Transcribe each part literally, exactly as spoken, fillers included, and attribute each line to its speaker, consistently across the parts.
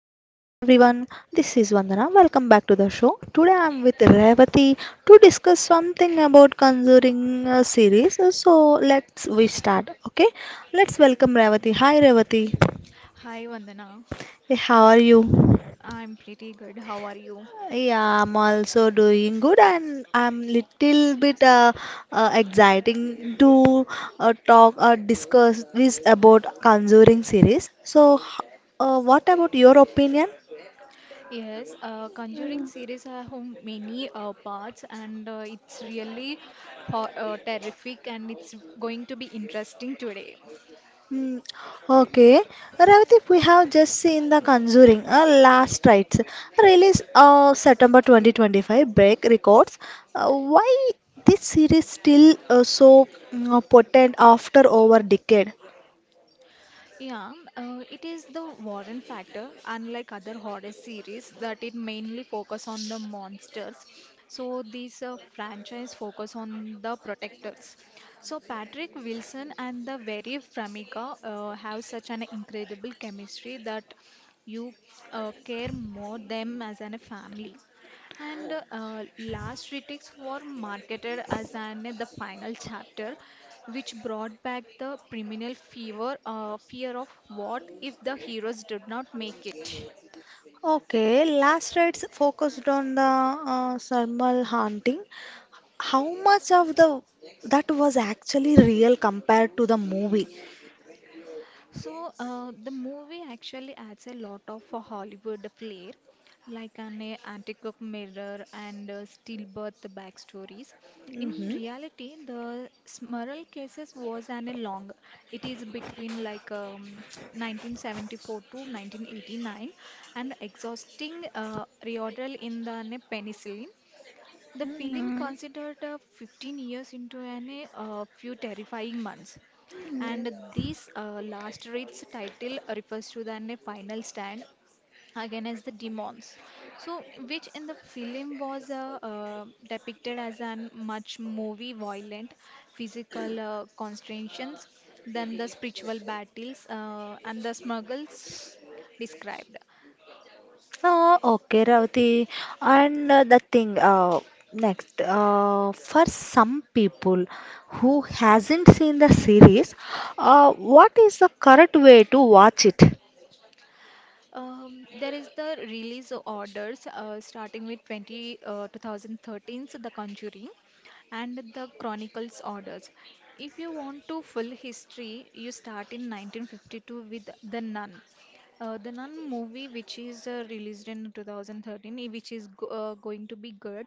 Speaker 1: everyone, this is Vandana. Welcome back to the show. Today I am with Revati to discuss something about Conjuring uh, series. So let's we start. Okay, let's welcome Revati. Hi Revati.
Speaker 2: Hi Vandana,
Speaker 1: Hey, how are you?
Speaker 2: I'm pretty good. How are you?
Speaker 1: Yeah, I'm also doing good, and I'm little bit uh, uh, exciting to uh, talk or discuss this about Conjuring series. So, h- uh, what about your opinion?
Speaker 2: Yes, uh, Conjuring series have many uh, parts and uh, it's really ho- uh, terrific and it's going to be interesting today.
Speaker 1: Hmm. Okay, Revati, we have just seen The Conjuring, uh, Last Rites, released uh, September twenty twenty-five, break records. Uh, why this series still uh, so mm, uh, potent after over decade?
Speaker 2: Yeah, uh, it is the Warren factor, unlike other horror series, that it mainly focus on the monsters. So these uh, franchise focus on the protectors. So Patrick Wilson and the very Framiga uh, have such an incredible chemistry that you uh, care more them as an, a family. And uh, last critics were marketed as an uh, the final chapter, which brought back the criminal fever, uh, fear of what if the heroes did not make it.
Speaker 1: Okay, Last Rites focused on the uh, thermal haunting. How much of the that was actually real compared to the movie?
Speaker 2: So uh, the movie actually adds a lot of a Hollywood flair, like an uh, antique mirror and uh, stillbirth backstories. In reality, the Smurl cases was an a long. It is between like um, nineteen seventy-four to nineteen eighty-nine, and exhausting uh, reordeal in the uh, penicillin. The film
Speaker 1: Mm-hmm.
Speaker 2: considered uh, fifteen years into a uh, few terrifying months, and this uh, last rites title refers to the a final stand again as the demons. So, which in the film was uh, uh, depicted as an much more violent physical uh, constraints than the spiritual battles uh, and the smuggles described.
Speaker 1: Uh, okay, Ravati. And uh, the thing uh, next, uh, for some people who hasn't seen the series, uh, what is the correct way to watch it?
Speaker 2: Um, there is the release orders uh, starting with twenty, uh, two thousand thirteen's The Conjuring and The Chronicles orders. If you want to full history, you start in nineteen fifty-two with The Nun. Uh, The Nun movie, which is uh, released in two thousand thirteen, i- which is go uh, going to be good,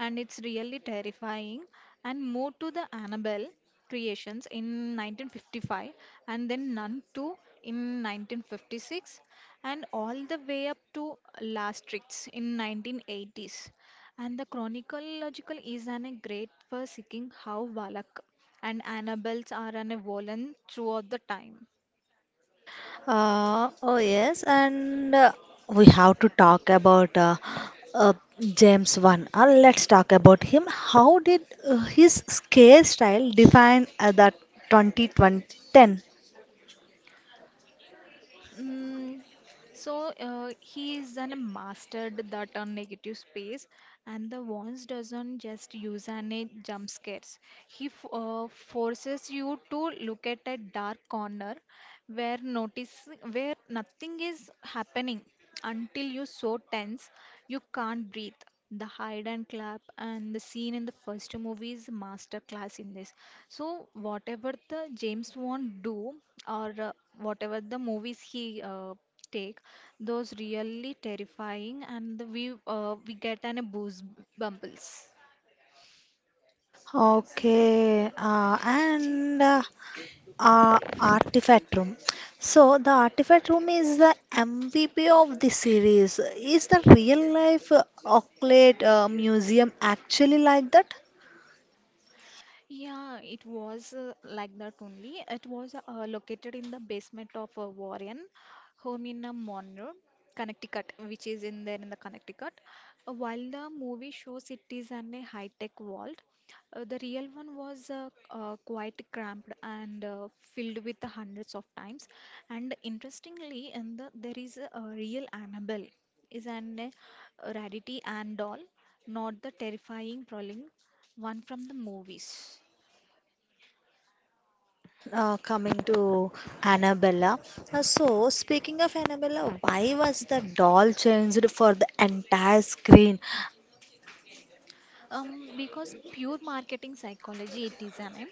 Speaker 2: and it's really terrifying. And move to the Annabelle creations in nineteen fifty-five, and then Nun two in nineteen fifty-six, and all the way up to Maastricht in nineteen eighties. And the chronological is an a great for seeking how Valak and Annabels are an a woven throughout the time.
Speaker 1: Uh, oh yes, and uh, we have to talk about uh, uh, James Wan. Uh, let's talk about him. How did uh, his scare style define uh, the twenty ten?
Speaker 2: Mm, so uh, he is an mastered that on negative space, and the wands doesn't just use an a jump scares. He f- uh, forces you to look at a dark corner where notice where nothing is happening until you so tense you can't breathe the hide and clap and the scene in the first movie is master class in this. So whatever the james wan do or uh, whatever the movies he uh, take, those really terrifying and the, we uh, we get an a boost bumbles.
Speaker 1: Okay, uh, and uh, uh, artifact room, so the artifact room is the MVP of the series. Is the real life uh, Oakland uh, museum actually like that?
Speaker 2: Yeah, it was uh, like that only. It was uh, located in the basement of uh, Warren home in uh, Monroe, Connecticut, which is in there in the Connecticut. Uh, while the movie shows it is an a high-tech vault, uh, the real one was uh, uh, quite cramped and uh, filled with hundreds of times. And interestingly, in the there is a, a real Annabelle, is an uh, rarity and doll, not the terrifying prowling. One from the movies.
Speaker 1: Uh, coming to Annabella. Uh, so, speaking of Annabella, why was the doll changed for the entire screen?
Speaker 2: Um, because pure marketing psychology it is, I mean.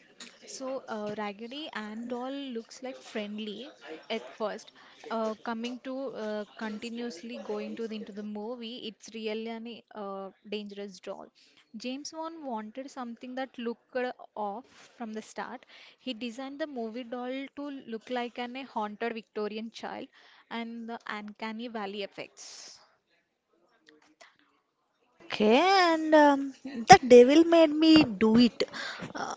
Speaker 2: So uh, Raggedy and Doll looks like friendly at first. Uh, coming to uh, continuously going to the, into the movie, it's really an uh, dangerous doll. James Wan wanted something that looked off from the start. He designed the movie doll to look like an a haunted Victorian child and the uncanny valley effects.
Speaker 1: Okay, and um, the devil made me do it. Uh,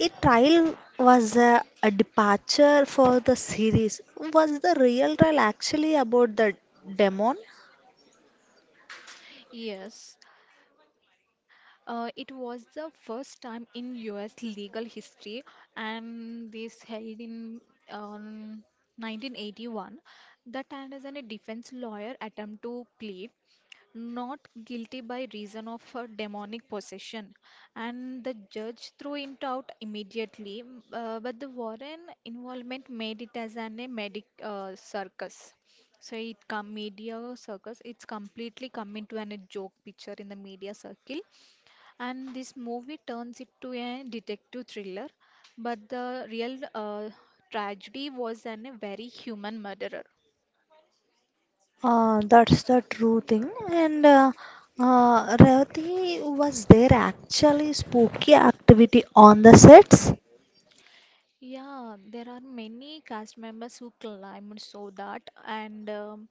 Speaker 1: A trial was a, a departure for the series. Was the real trial actually about the demon?
Speaker 2: Yes. Uh, it was the first time in U S legal history, and this held in um, nineteen eighty-one, that Anderson, a defense lawyer, attempted to plead not guilty by reason of uh, demonic possession, and the judge threw it out immediately. Uh, but the Warren involvement made it as an a medic uh, circus. So it come media circus. It's completely come into an, a joke picture in the media circle, and this movie turns it to a detective thriller, but the real uh, tragedy was an, a very human murderer.
Speaker 1: Uh, that's the true thing. And uh, uh, Revati, was there actually spooky activity on the sets?
Speaker 2: Yeah, there are many cast members who climbed so that, and um,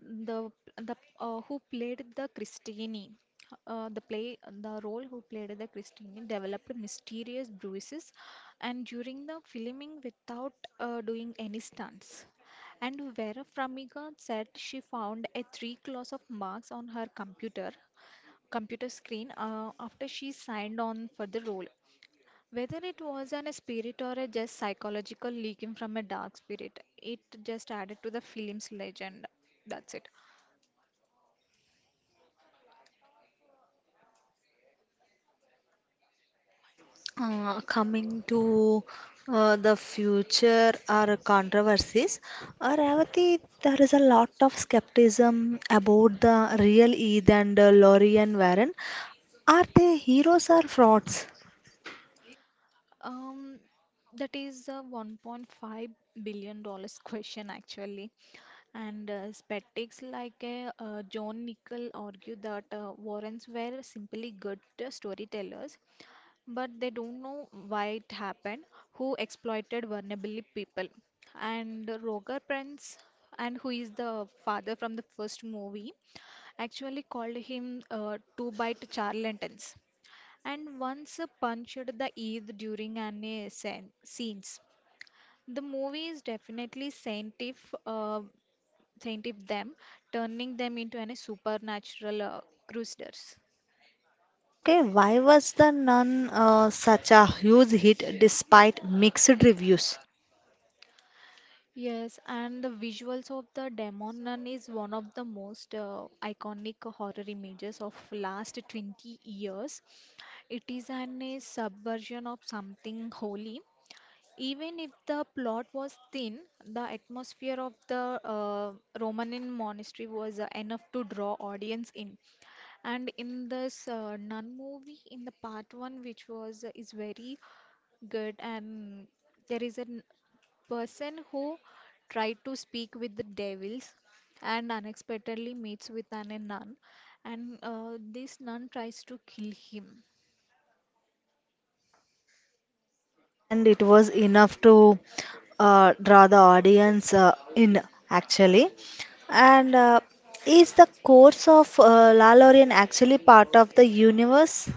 Speaker 2: the the uh, who played the Christine, uh, the play the role who played the Christine developed mysterious bruises and during the filming without uh, doing any stunts. And Vera Farmiga said she found a three claws of marks on her computer computer screen uh, after she signed on for the role. Whether it was an a spirit or a just psychological leaking from a dark spirit, it just added to the film's legend. That's it.
Speaker 1: Uh, coming to uh, the future or controversies, uh, Revati, there is a lot of skepticism about the real Eid and uh, Laurie and Warren. Are they heroes or frauds?
Speaker 2: Um, that is a one point five billion dollars question actually. And uh, skeptics like uh, uh, John Nichol argue that uh, Warrens were simply good storytellers, but they don't know why it happened, who exploited vulnerable people. And Roger Prince, and who is the father from the first movie, actually called him uh, two bite charlatans and once punched the Eid during an uh, scen- scenes. The movie is definitely scientific, uh, scientific them, turning them into any supernatural uh, crusaders.
Speaker 1: Okay, why was the Nun uh, such a huge hit despite mixed reviews?
Speaker 2: Yes, and the visuals of the Demon Nun is one of the most uh, iconic horror images of last twenty years. It is an a subversion of something holy. Even if the plot was thin, the atmosphere of the uh, Romanin monastery was uh, enough to draw audience in. And in this uh, nun movie, in the part one, which was uh, is very good, and there is an person who tried to speak with the devils and unexpectedly meets with an, a nun and uh, this nun tries to kill him.
Speaker 1: And it was enough to uh, draw the audience uh, in actually. And uh, is the course of uh, Lalorian actually part of the universe?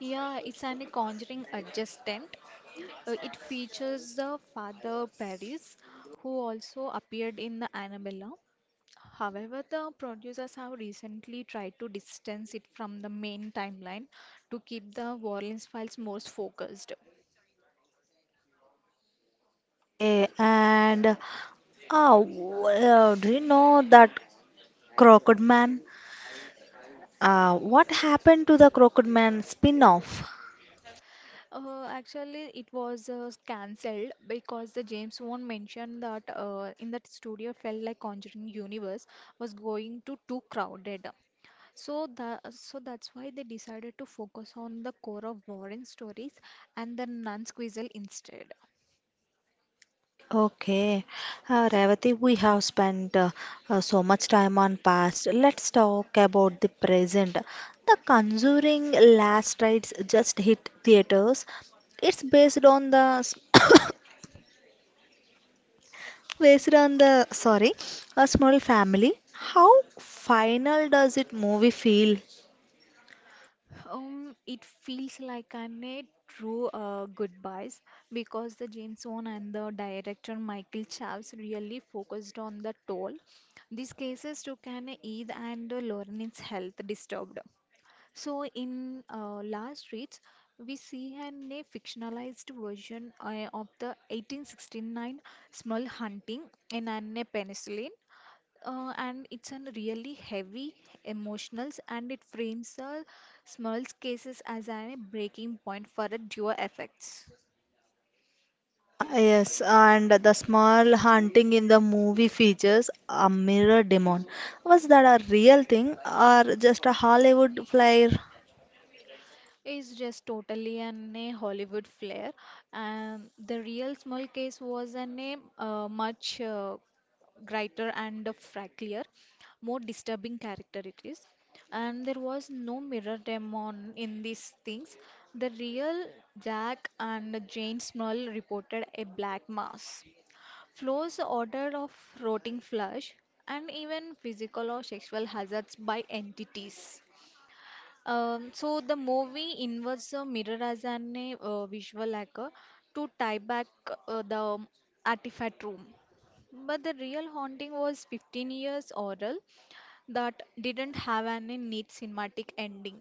Speaker 2: Yeah, it's an a conjuring adjacent. Uh, it features the father paris, who also appeared in the annabella. However, the producers have recently tried to distance it from the main timeline to keep the warren's files more focused.
Speaker 1: Okay. And uh, w- uh, do you know that crocodile man? Uh, what happened to the crocodile man spin-off?
Speaker 2: Uh, actually, it was uh, cancelled because the James Wan mentioned that uh, in that studio felt like Conjuring universe was going to too crowded. So the so that's why they decided to focus on the core of Warren stories and the non-squeezle instead.
Speaker 1: Okay, uh, Revati, we have spent uh, uh, so much time on past. Let's talk about the present. The Conjuring Last Rites just hit theaters. It's based on the s- based on the sorry, a small family. How final does it movie feel?
Speaker 2: Um, it feels like an a true uh, goodbyes, because the James Wan and the director Michael Chaves really focused on the toll these cases took an Eid and Lauren's health disturbed. So in uh, Last Rites, we see an a fictionalized version uh, of the eighteen sixty-nine small hunting in an a penicillin, uh, and it's a really heavy emotionals, and it frames the Small's cases as a breaking point for a duo effects.
Speaker 1: Uh, yes, and the small hunting in the movie features a mirror demon. Was that a real thing or just a Hollywood flyer?
Speaker 2: It's just totally an a Hollywood flair, and the real Small case was an a uh, much uh, brighter and fracklier, more disturbing character it is. And there was no mirror demon in these things. The real Jack and Jane Small reported a black mass, flows order of rotting flesh, and even physical or sexual hazards by entities. Um, so the movie inverts the mirror as an uh, visual anchor to tie back uh, the artifact room. But the real haunting was fifteen years oral that didn't have any neat cinematic ending.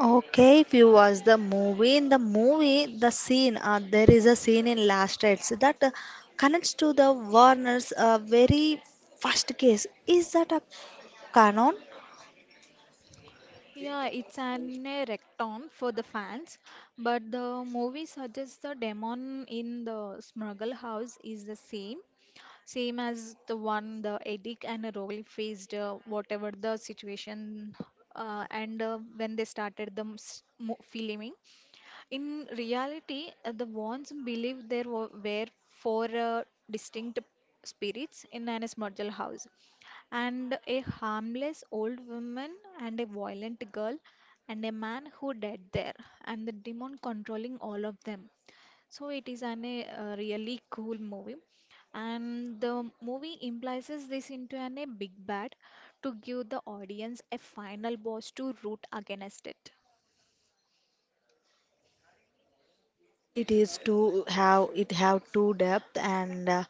Speaker 1: Okay, if you watch the movie, in the movie, the scene, uh, there is a scene in Last Rites that uh, connects to the Warner's uh, very first case. Is that a canon?
Speaker 2: Yeah, it's an erecton for the fans, but the movie suggests the demon in the smuggle house is the same. Same as the one the Edik and the Rohit faced, uh, whatever the situation, uh, and uh, when they started the m- s- mo- filming. In reality, uh, the Wands believe there were, were four uh, distinct spirits in an smurgle house, and a harmless old woman and a violent girl and a man who died there, and the demon controlling all of them. So it is an eh, a uh, really cool movie, and the movie implies this into an a big bad to give the audience a final boss to root against it.
Speaker 1: It is to have it have two depth. And uh,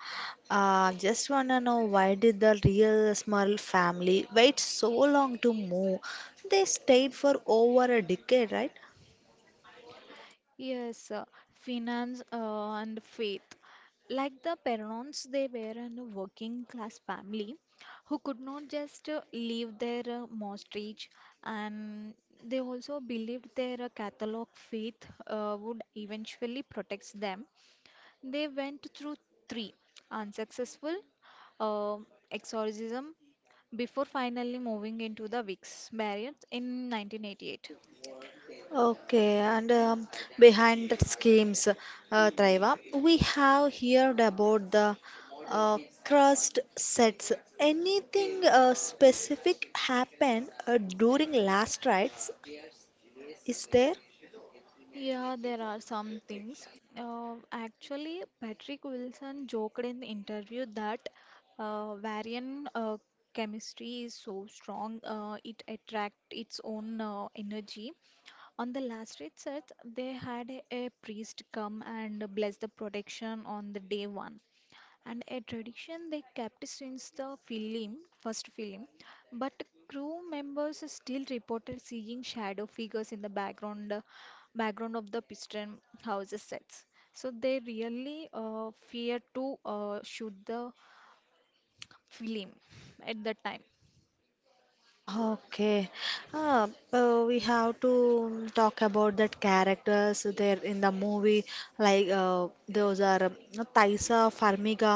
Speaker 1: uh, just wanna know, why did the real small family wait so long to move? They stayed for over a decade, right?
Speaker 2: Yes, uh, finance uh, and faith. Like the parents, they were in a working class family who could not just uh, leave their uh, mortgage, and they also believed their uh, Catholic faith uh, would eventually protect them. They went through three unsuccessful um exorcism before finally moving into the Vicks Barrier in nineteen eighty-eight.
Speaker 1: Okay, and um, behind the schemes, uh, Traiva, we have heard about the uh, crust sets. Anything uh, specific happened uh, during last rites? Is there?
Speaker 2: Yeah, there are some things. Uh, actually, Patrick Wilson joked in the interview that uh, Varian uh, chemistry is so strong, uh, it attract its own uh, energy. On the last research, they had a, a priest come and bless the protection on the day one, and a tradition they kept since the film first film. But crew members still reported seeing shadow figures in the background uh, background of the piston Houses sets, so they really uh, feared to uh, shoot the film at that time.
Speaker 1: Okay. Uh, uh, we have to um, talk about that characters there in the movie. Like uh, those are um, Thaisa Farmiga,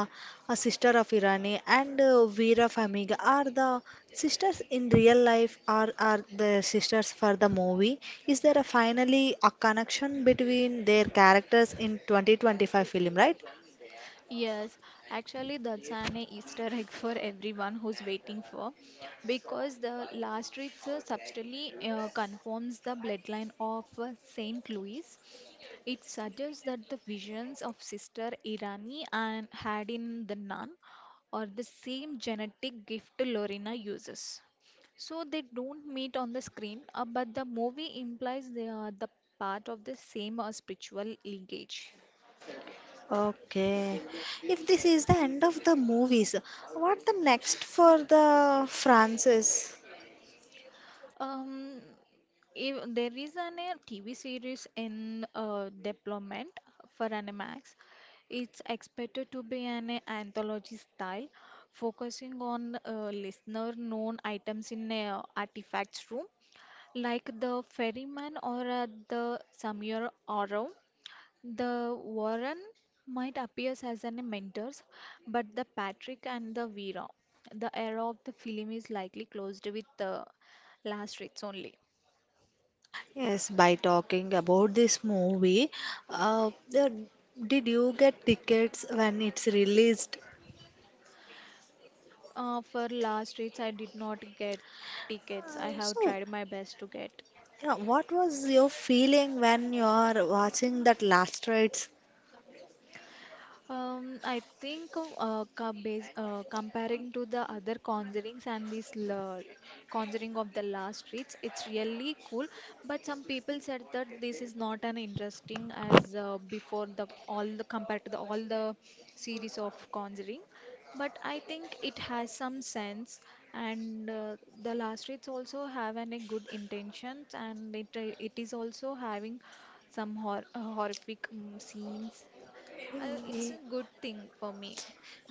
Speaker 1: a sister of Irani, and uh, Veera Farmiga are the sisters in real life. Are are the sisters for the movie? Is there a finally a connection between their characters in twenty twenty-five film, right?
Speaker 2: Yes, actually, that's an Easter egg for everyone who's waiting for, because the last rites uh, subtly uh, confirms the bloodline of uh, Saint Louis. It suggests that the visions of Sister Irani and had in the nun are the same genetic gift Lorena uses. So they don't meet on the screen, uh, but the movie implies they are the part of the same uh, spiritual lineage.
Speaker 1: Okay. If this is the end of the movies, what the next for the Francis?
Speaker 2: Um, if there is an a T V series in uh, development for Animax. It's expected to be an uh, anthology style, focusing on uh, listener known items in a artifacts room, like the ferryman or uh, the Samir Oro. The Warren might appear as an mentors, but the Patrick and the Vera, the era of the film is likely closed with the last rites only.
Speaker 1: Yes, by talking about this movie, uh, the- did you get tickets when it's released?
Speaker 2: Uh, for last rites, I did not get tickets. I
Speaker 1: Uh,
Speaker 2: have
Speaker 1: so,
Speaker 2: tried my best to get.
Speaker 1: yeah, what was your feeling when you are watching that last rites?
Speaker 2: Um, I think uh, ca- bas uh, comparing to the other conjurings and this la conjuring of the last streets, it's really cool. But some people said that this is not an interesting as uh, before the all the compared to the all the series of conjuring. But I think it has some sense, and uh, the last streets also have an, a good intentions, and it uh, it is also having some hor uh, horrific um, scenes I, it's a good thing for me.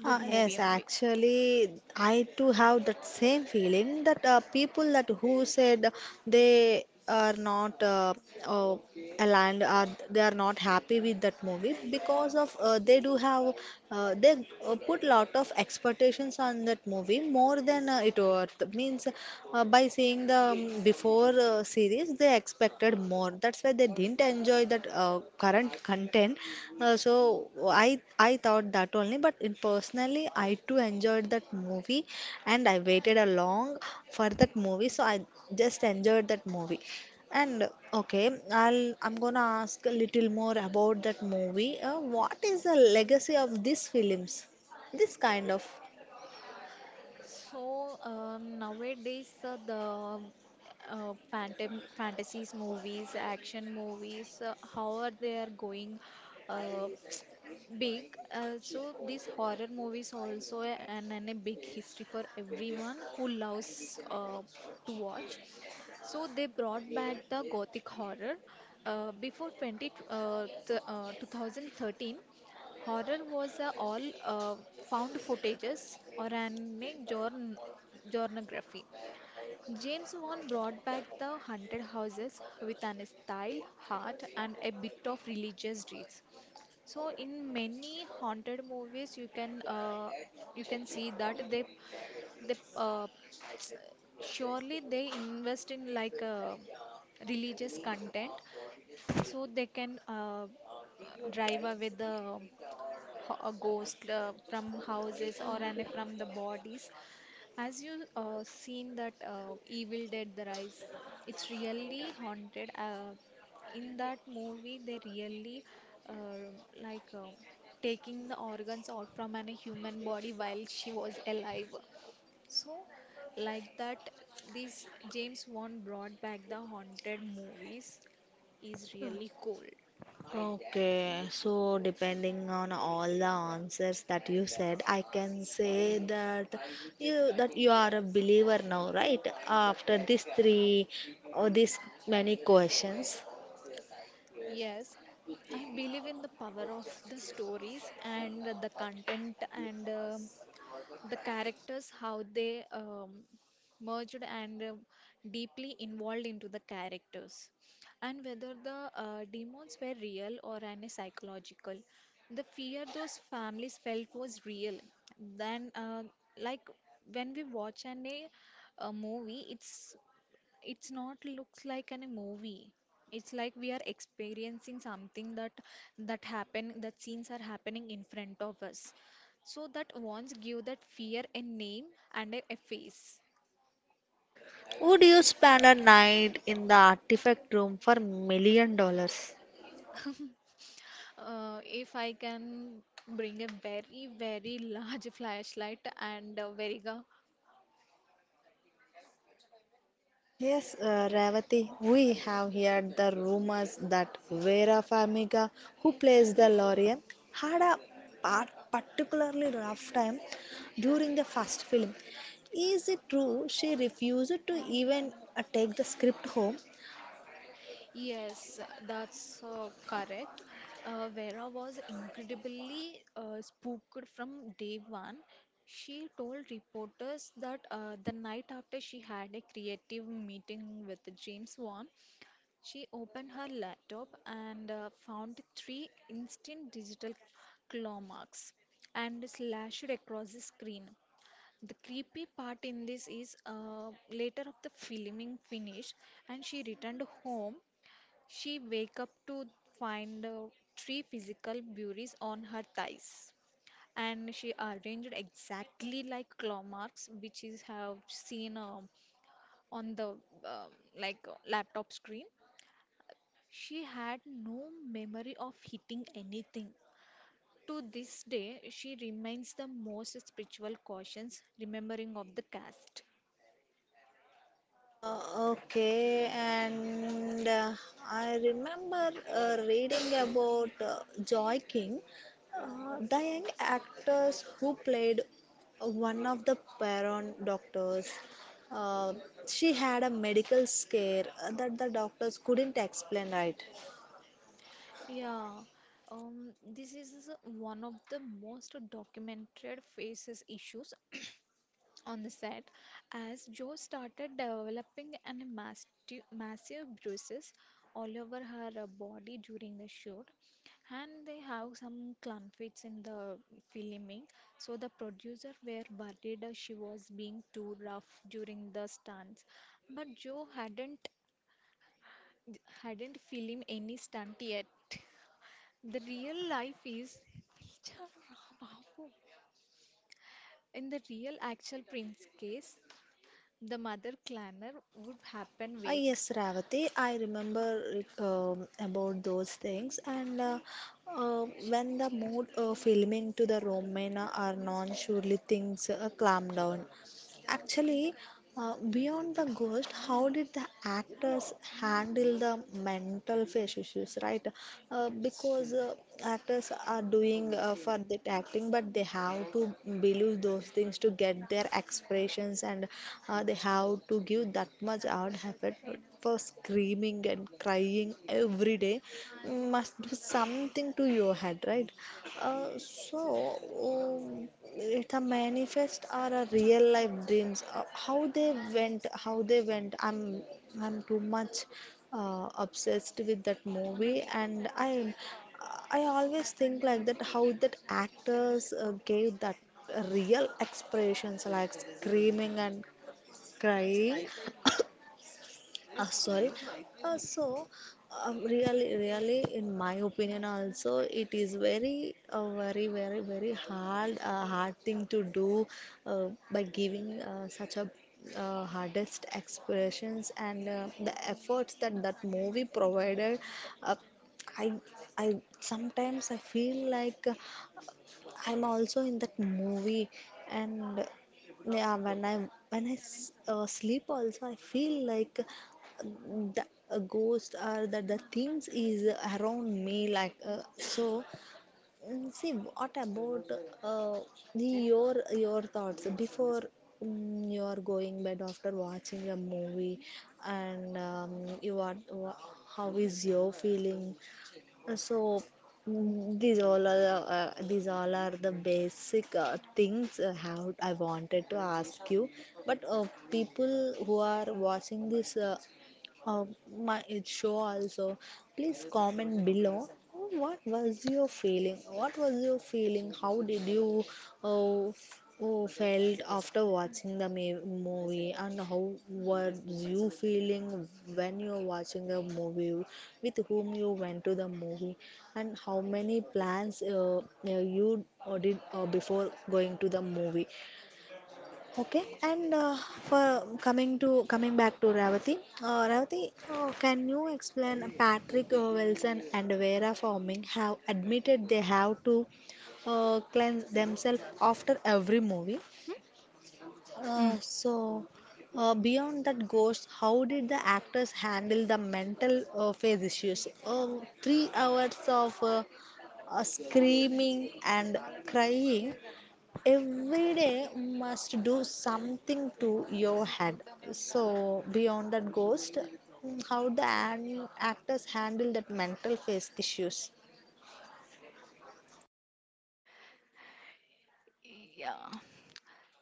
Speaker 2: Good
Speaker 1: Uh,
Speaker 2: movie
Speaker 1: yes,
Speaker 2: only.
Speaker 1: actually, I too have that same feeling that uh, people that who said they are not uh, uh, aligned, or they are not happy with that movie because of uh, they do have uh, they uh, put lot of expectations on that movie more than uh, it worth, means uh, by seeing the um, before uh, series they expected more. That's why they didn't enjoy that uh, current content. Uh, so i i thought that only, but in personally I too enjoyed that movie. And I waited a long for that movie, so I just enjoyed that movie. And okay, i'll I'm gonna ask a little more about that movie. Uh, what is the legacy of these films, this kind of?
Speaker 2: So uh, nowadays uh, the uh, phantom fantasies movies, action movies, uh, how are they are going uh, big? Uh, so these horror movies also a- and, and a big history for everyone who loves uh, to watch. So they brought back the gothic horror. Uh, before twenty, t- uh, th uh, two thousand thirteen, horror was a all uh, found footages or an journ journography. James Wan brought back the haunted houses with an style, heart, and a bit of religious dreams. So, in many haunted movies, you can uh, you can see that they they uh, surely they invest in like uh, religious content so they can uh, uh, drive away the ho- a ghost uh, from houses or any from the bodies. As you uh, seen that uh, Evil Dead The Rise, it's really haunted. Uh, in that movie, they really uh, like uh, taking the organs out from any human body while she was alive. So, like that, this James Wan brought back the haunted movies is really cool.
Speaker 1: Okay, so depending on all the answers that you said, I can say that you that you are a believer now, right? After these three or these many questions,
Speaker 2: Yes, I believe in the power of the stories and the content and um the characters, how they um, merged and um deeply involved into the characters, and whether the uh, demons were real or an psychological. The fear those families felt was real. Then, uh, like when we watch an a, a movie, it's it's not looks like a movie, it's like we are experiencing something that that happen, that scenes are happening in front of us, so that once give that fear a name and a, a face.
Speaker 1: would you spend a night in the artifact room for million dollars?
Speaker 2: Uh, if I can bring a very very large flashlight and a veriga.
Speaker 1: Yes, uh, Ravati, we have heard the rumors that Vera Farmiga, who plays the Lorien, had a part particularly rough time during the first film. Is it true she refused to even uh, take the script home?
Speaker 2: Yes, that's uh, correct. Uh, Vera was incredibly uh, spooked from day one. She told reporters that uh, the night after she had a creative meeting with James Wan, she opened her laptop and uh, found three instant digital claw marks and slashed across the screen. The creepy part in this is uh, later of the filming finished and she returned home, she wake up to find uh, three physical burys on her thighs, and she arranged exactly like claw marks, which is have seen uh, on the uh, like uh, laptop screen. She had no memory of hitting anything. To this day, she remains the most spiritual cautions remembering of the cast.
Speaker 1: Uh, okay, and uh, I remember uh, reading about uh, Joy King, uh, the young actors who played one of the Baron doctors. Uh, she had a medical scare uh, that the doctors couldn't explain, right?
Speaker 2: Yeah, um, this is one of the most documented faces issues on the set as Joe started developing an masti- massive bruises all over her uh, body during the shoot, and they have some conflicts in the filming, so the producer were worried uh, she was being too rough during the stunts, but Joe hadn't hadn't filmed any stunt yet. The real life is in the real actual prince case. The mother clanner would happen
Speaker 1: Ah,
Speaker 2: wake.
Speaker 1: yes, Ravati, I remember like, um, about those things. And uh, uh, when the mood uh, filming to the Romana or Non, surely things uh, calm down. Actually, uh, beyond the ghost, how did the actors handle the mental face issues, right? Uh, because uh, actors are doing uh, for that acting, but they have to believe those things to get their expressions, and uh, they have to give that much out effort for screaming and crying every day. Must do something to your head, right? Uh, so. Um, it's a manifest or a real life dreams, uh, how they went how they went. I'm i'm too much uh, obsessed with that movie, and i'm I always think like that how that actors uh, gave that real expressions like screaming and crying. Uh, sorry uh, so um, Really, really, in my opinion also, it is very uh, very, very, very hard, uh, hard thing to do, uh, by giving uh, such a uh, hardest expressions, and uh, the efforts that that movie provided. Uh, I I Sometimes I feel like uh, I'm also in that movie. And yeah, when I when I s- uh, sleep also, I feel like the a ghost or that the things is around me. Like uh, so, mm, see, what about uh, your your thoughts before mm, you are going bed after watching a movie? And um, you are wha- how is your feeling? Uh, So mm, these all are the, uh, these all are the basic uh, things uh, how I wanted to ask you. But uh, people who are watching this uh, uh, my show also, please comment below. What was your feeling? What was your feeling? How did you uh, Oh, felt after watching the ma- movie? And how were you feeling when you were watching the movie? With whom you went to the movie? And how many plans uh, uh, you uh, did uh, before going to the movie? Okay, and uh, for coming to coming back to Ravati. Uh, Ravati, uh, can you explain, Patrick uh, Wilson and Vera Farming have admitted they have to uh, cleanse themselves after every movie?
Speaker 2: Hmm?
Speaker 1: Uh,
Speaker 2: Mm.
Speaker 1: so, uh, beyond that goes, how did the actors handle the mental uh, phase issues? Um Three hours of uh, uh, screaming and crying every day must do something to your head. So, beyond that goes, mm, how the an- actors handle that mental phase issues?
Speaker 2: Yeah.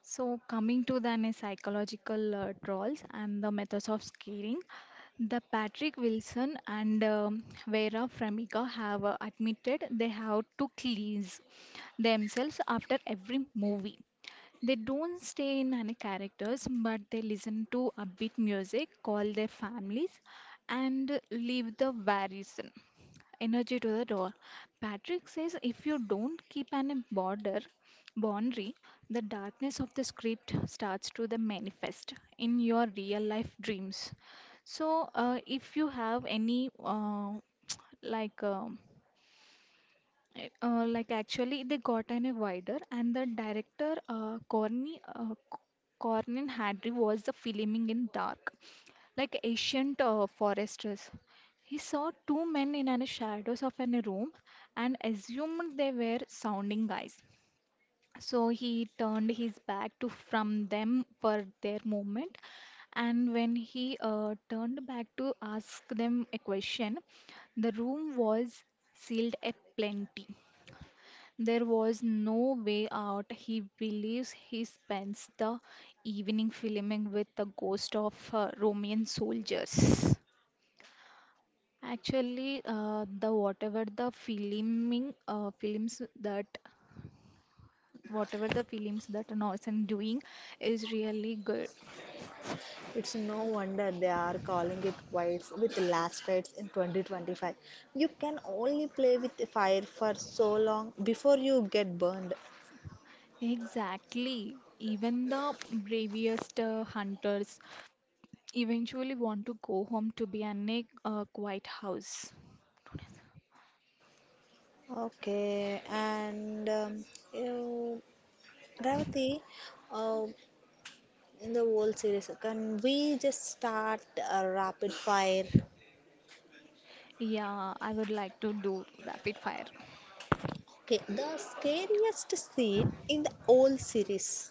Speaker 2: So, coming to then is psychological uh, trolls and the methods of scaring, the Patrick Wilson and um, Vera Farmiga have uh, admitted they have to cleanse themselves after every movie. They don't stay in any characters, but they listen to upbeat music, call their families, and leave the varison energy to the door. Patrick says if you don't keep an border boundary, the darkness of the script starts to the manifest in your real life dreams. So, uh, if you have any uh, like um it, uh, like actually they got an a wider and the director uh, Corny uh, C- Cornyn Hadry was the filming in dark, like ancient uh, foresters. He saw two men in an shadows of an room and assumed they were sounding guys, so he turned his back to from them for their movement, and when he uh, turned back to ask them a question, the room was sealed a plenty. There was no way out. He believes he spends the evening filming with the ghost of uh, Roman soldiers. Actually, uh, the whatever the filming uh, films that whatever the films that Norsen doing is really good.
Speaker 1: It's no wonder they are calling it quits with Last Rites in twenty twenty-five. You can only play with fire for so long before you get burned.
Speaker 2: Exactly. Even the bravest uh, hunters eventually want to go home to be in a uh, quiet house.
Speaker 1: Okay, and um, you, Revati, uh, in the whole series, can we just start a rapid fire?
Speaker 2: Yeah, I would like to do rapid fire.
Speaker 1: Okay, the scariest scene in the whole series.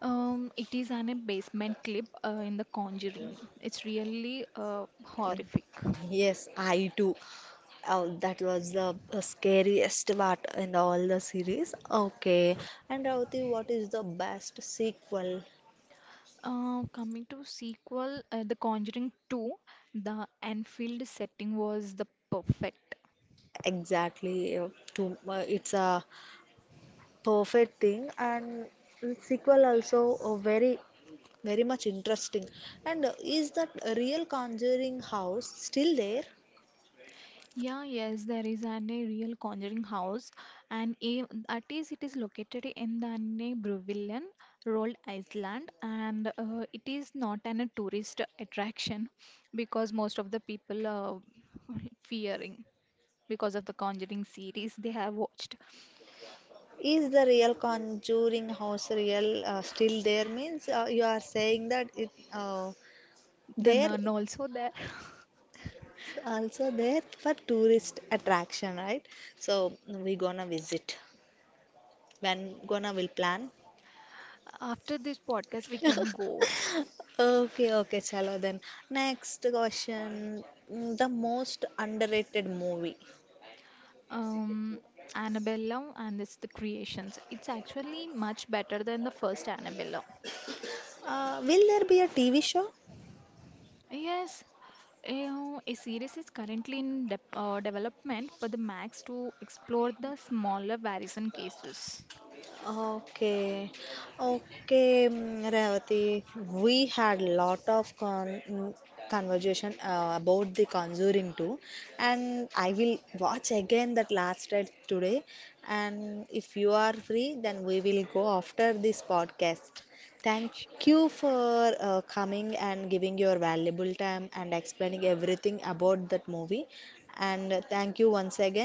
Speaker 2: Um, it is an a basement clip uh, in The Conjuring. It's really uh, horrific.
Speaker 1: Yes, I do. Oh, that was the uh, scariest part in all the series. Okay. And Ravati, what is the best sequel
Speaker 2: Uh, coming to sequel, uh, The Conjuring two, the Anfield setting was the perfect.
Speaker 1: exactly? uh, To uh, it's a perfect thing, and sequel also uh, very, very much interesting. And uh, is that real Conjuring house still there?
Speaker 2: Yeah, yes, there is an a real Conjuring house, and a, that is it is located in the an Bruvillian, Rhode Island, and uh, it is not an a tourist attraction because most of the people are fearing, because of the Conjuring series they have watched.
Speaker 1: Is the real Conjuring house real uh, still there? Means uh, you are saying that it uh,
Speaker 2: The
Speaker 1: there,
Speaker 2: Nun also there.
Speaker 1: also there for tourist attraction, right? So we gonna visit. When gonna will plan?
Speaker 2: After this podcast, we can go.
Speaker 1: Okay, okay, chalo then. Next question. Mm, The most underrated movie.
Speaker 2: Um, Annabella and this the creations. It's actually much better than the first Annabella.
Speaker 1: Uh, will there be a T V show?
Speaker 2: Yes, uh, a series is currently in de uh, development for the Max to explore the smaller variation cases.
Speaker 1: Okay, okay, mm, Revati. We had lot of con mm, conversation uh, about the Conjuring too, and I will watch again that last ride today. And if you are free, then we will go after this podcast. Thank
Speaker 2: Sh-
Speaker 1: you for uh, coming and giving your valuable time and explaining everything about that movie. And thank you once again.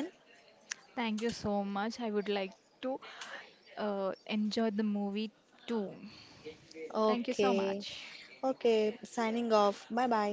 Speaker 2: Thank you so much. I would like to uh, enjoy the movie too. Thank you so
Speaker 1: Okay.
Speaker 2: much.
Speaker 1: Okay. Signing off. Bye bye.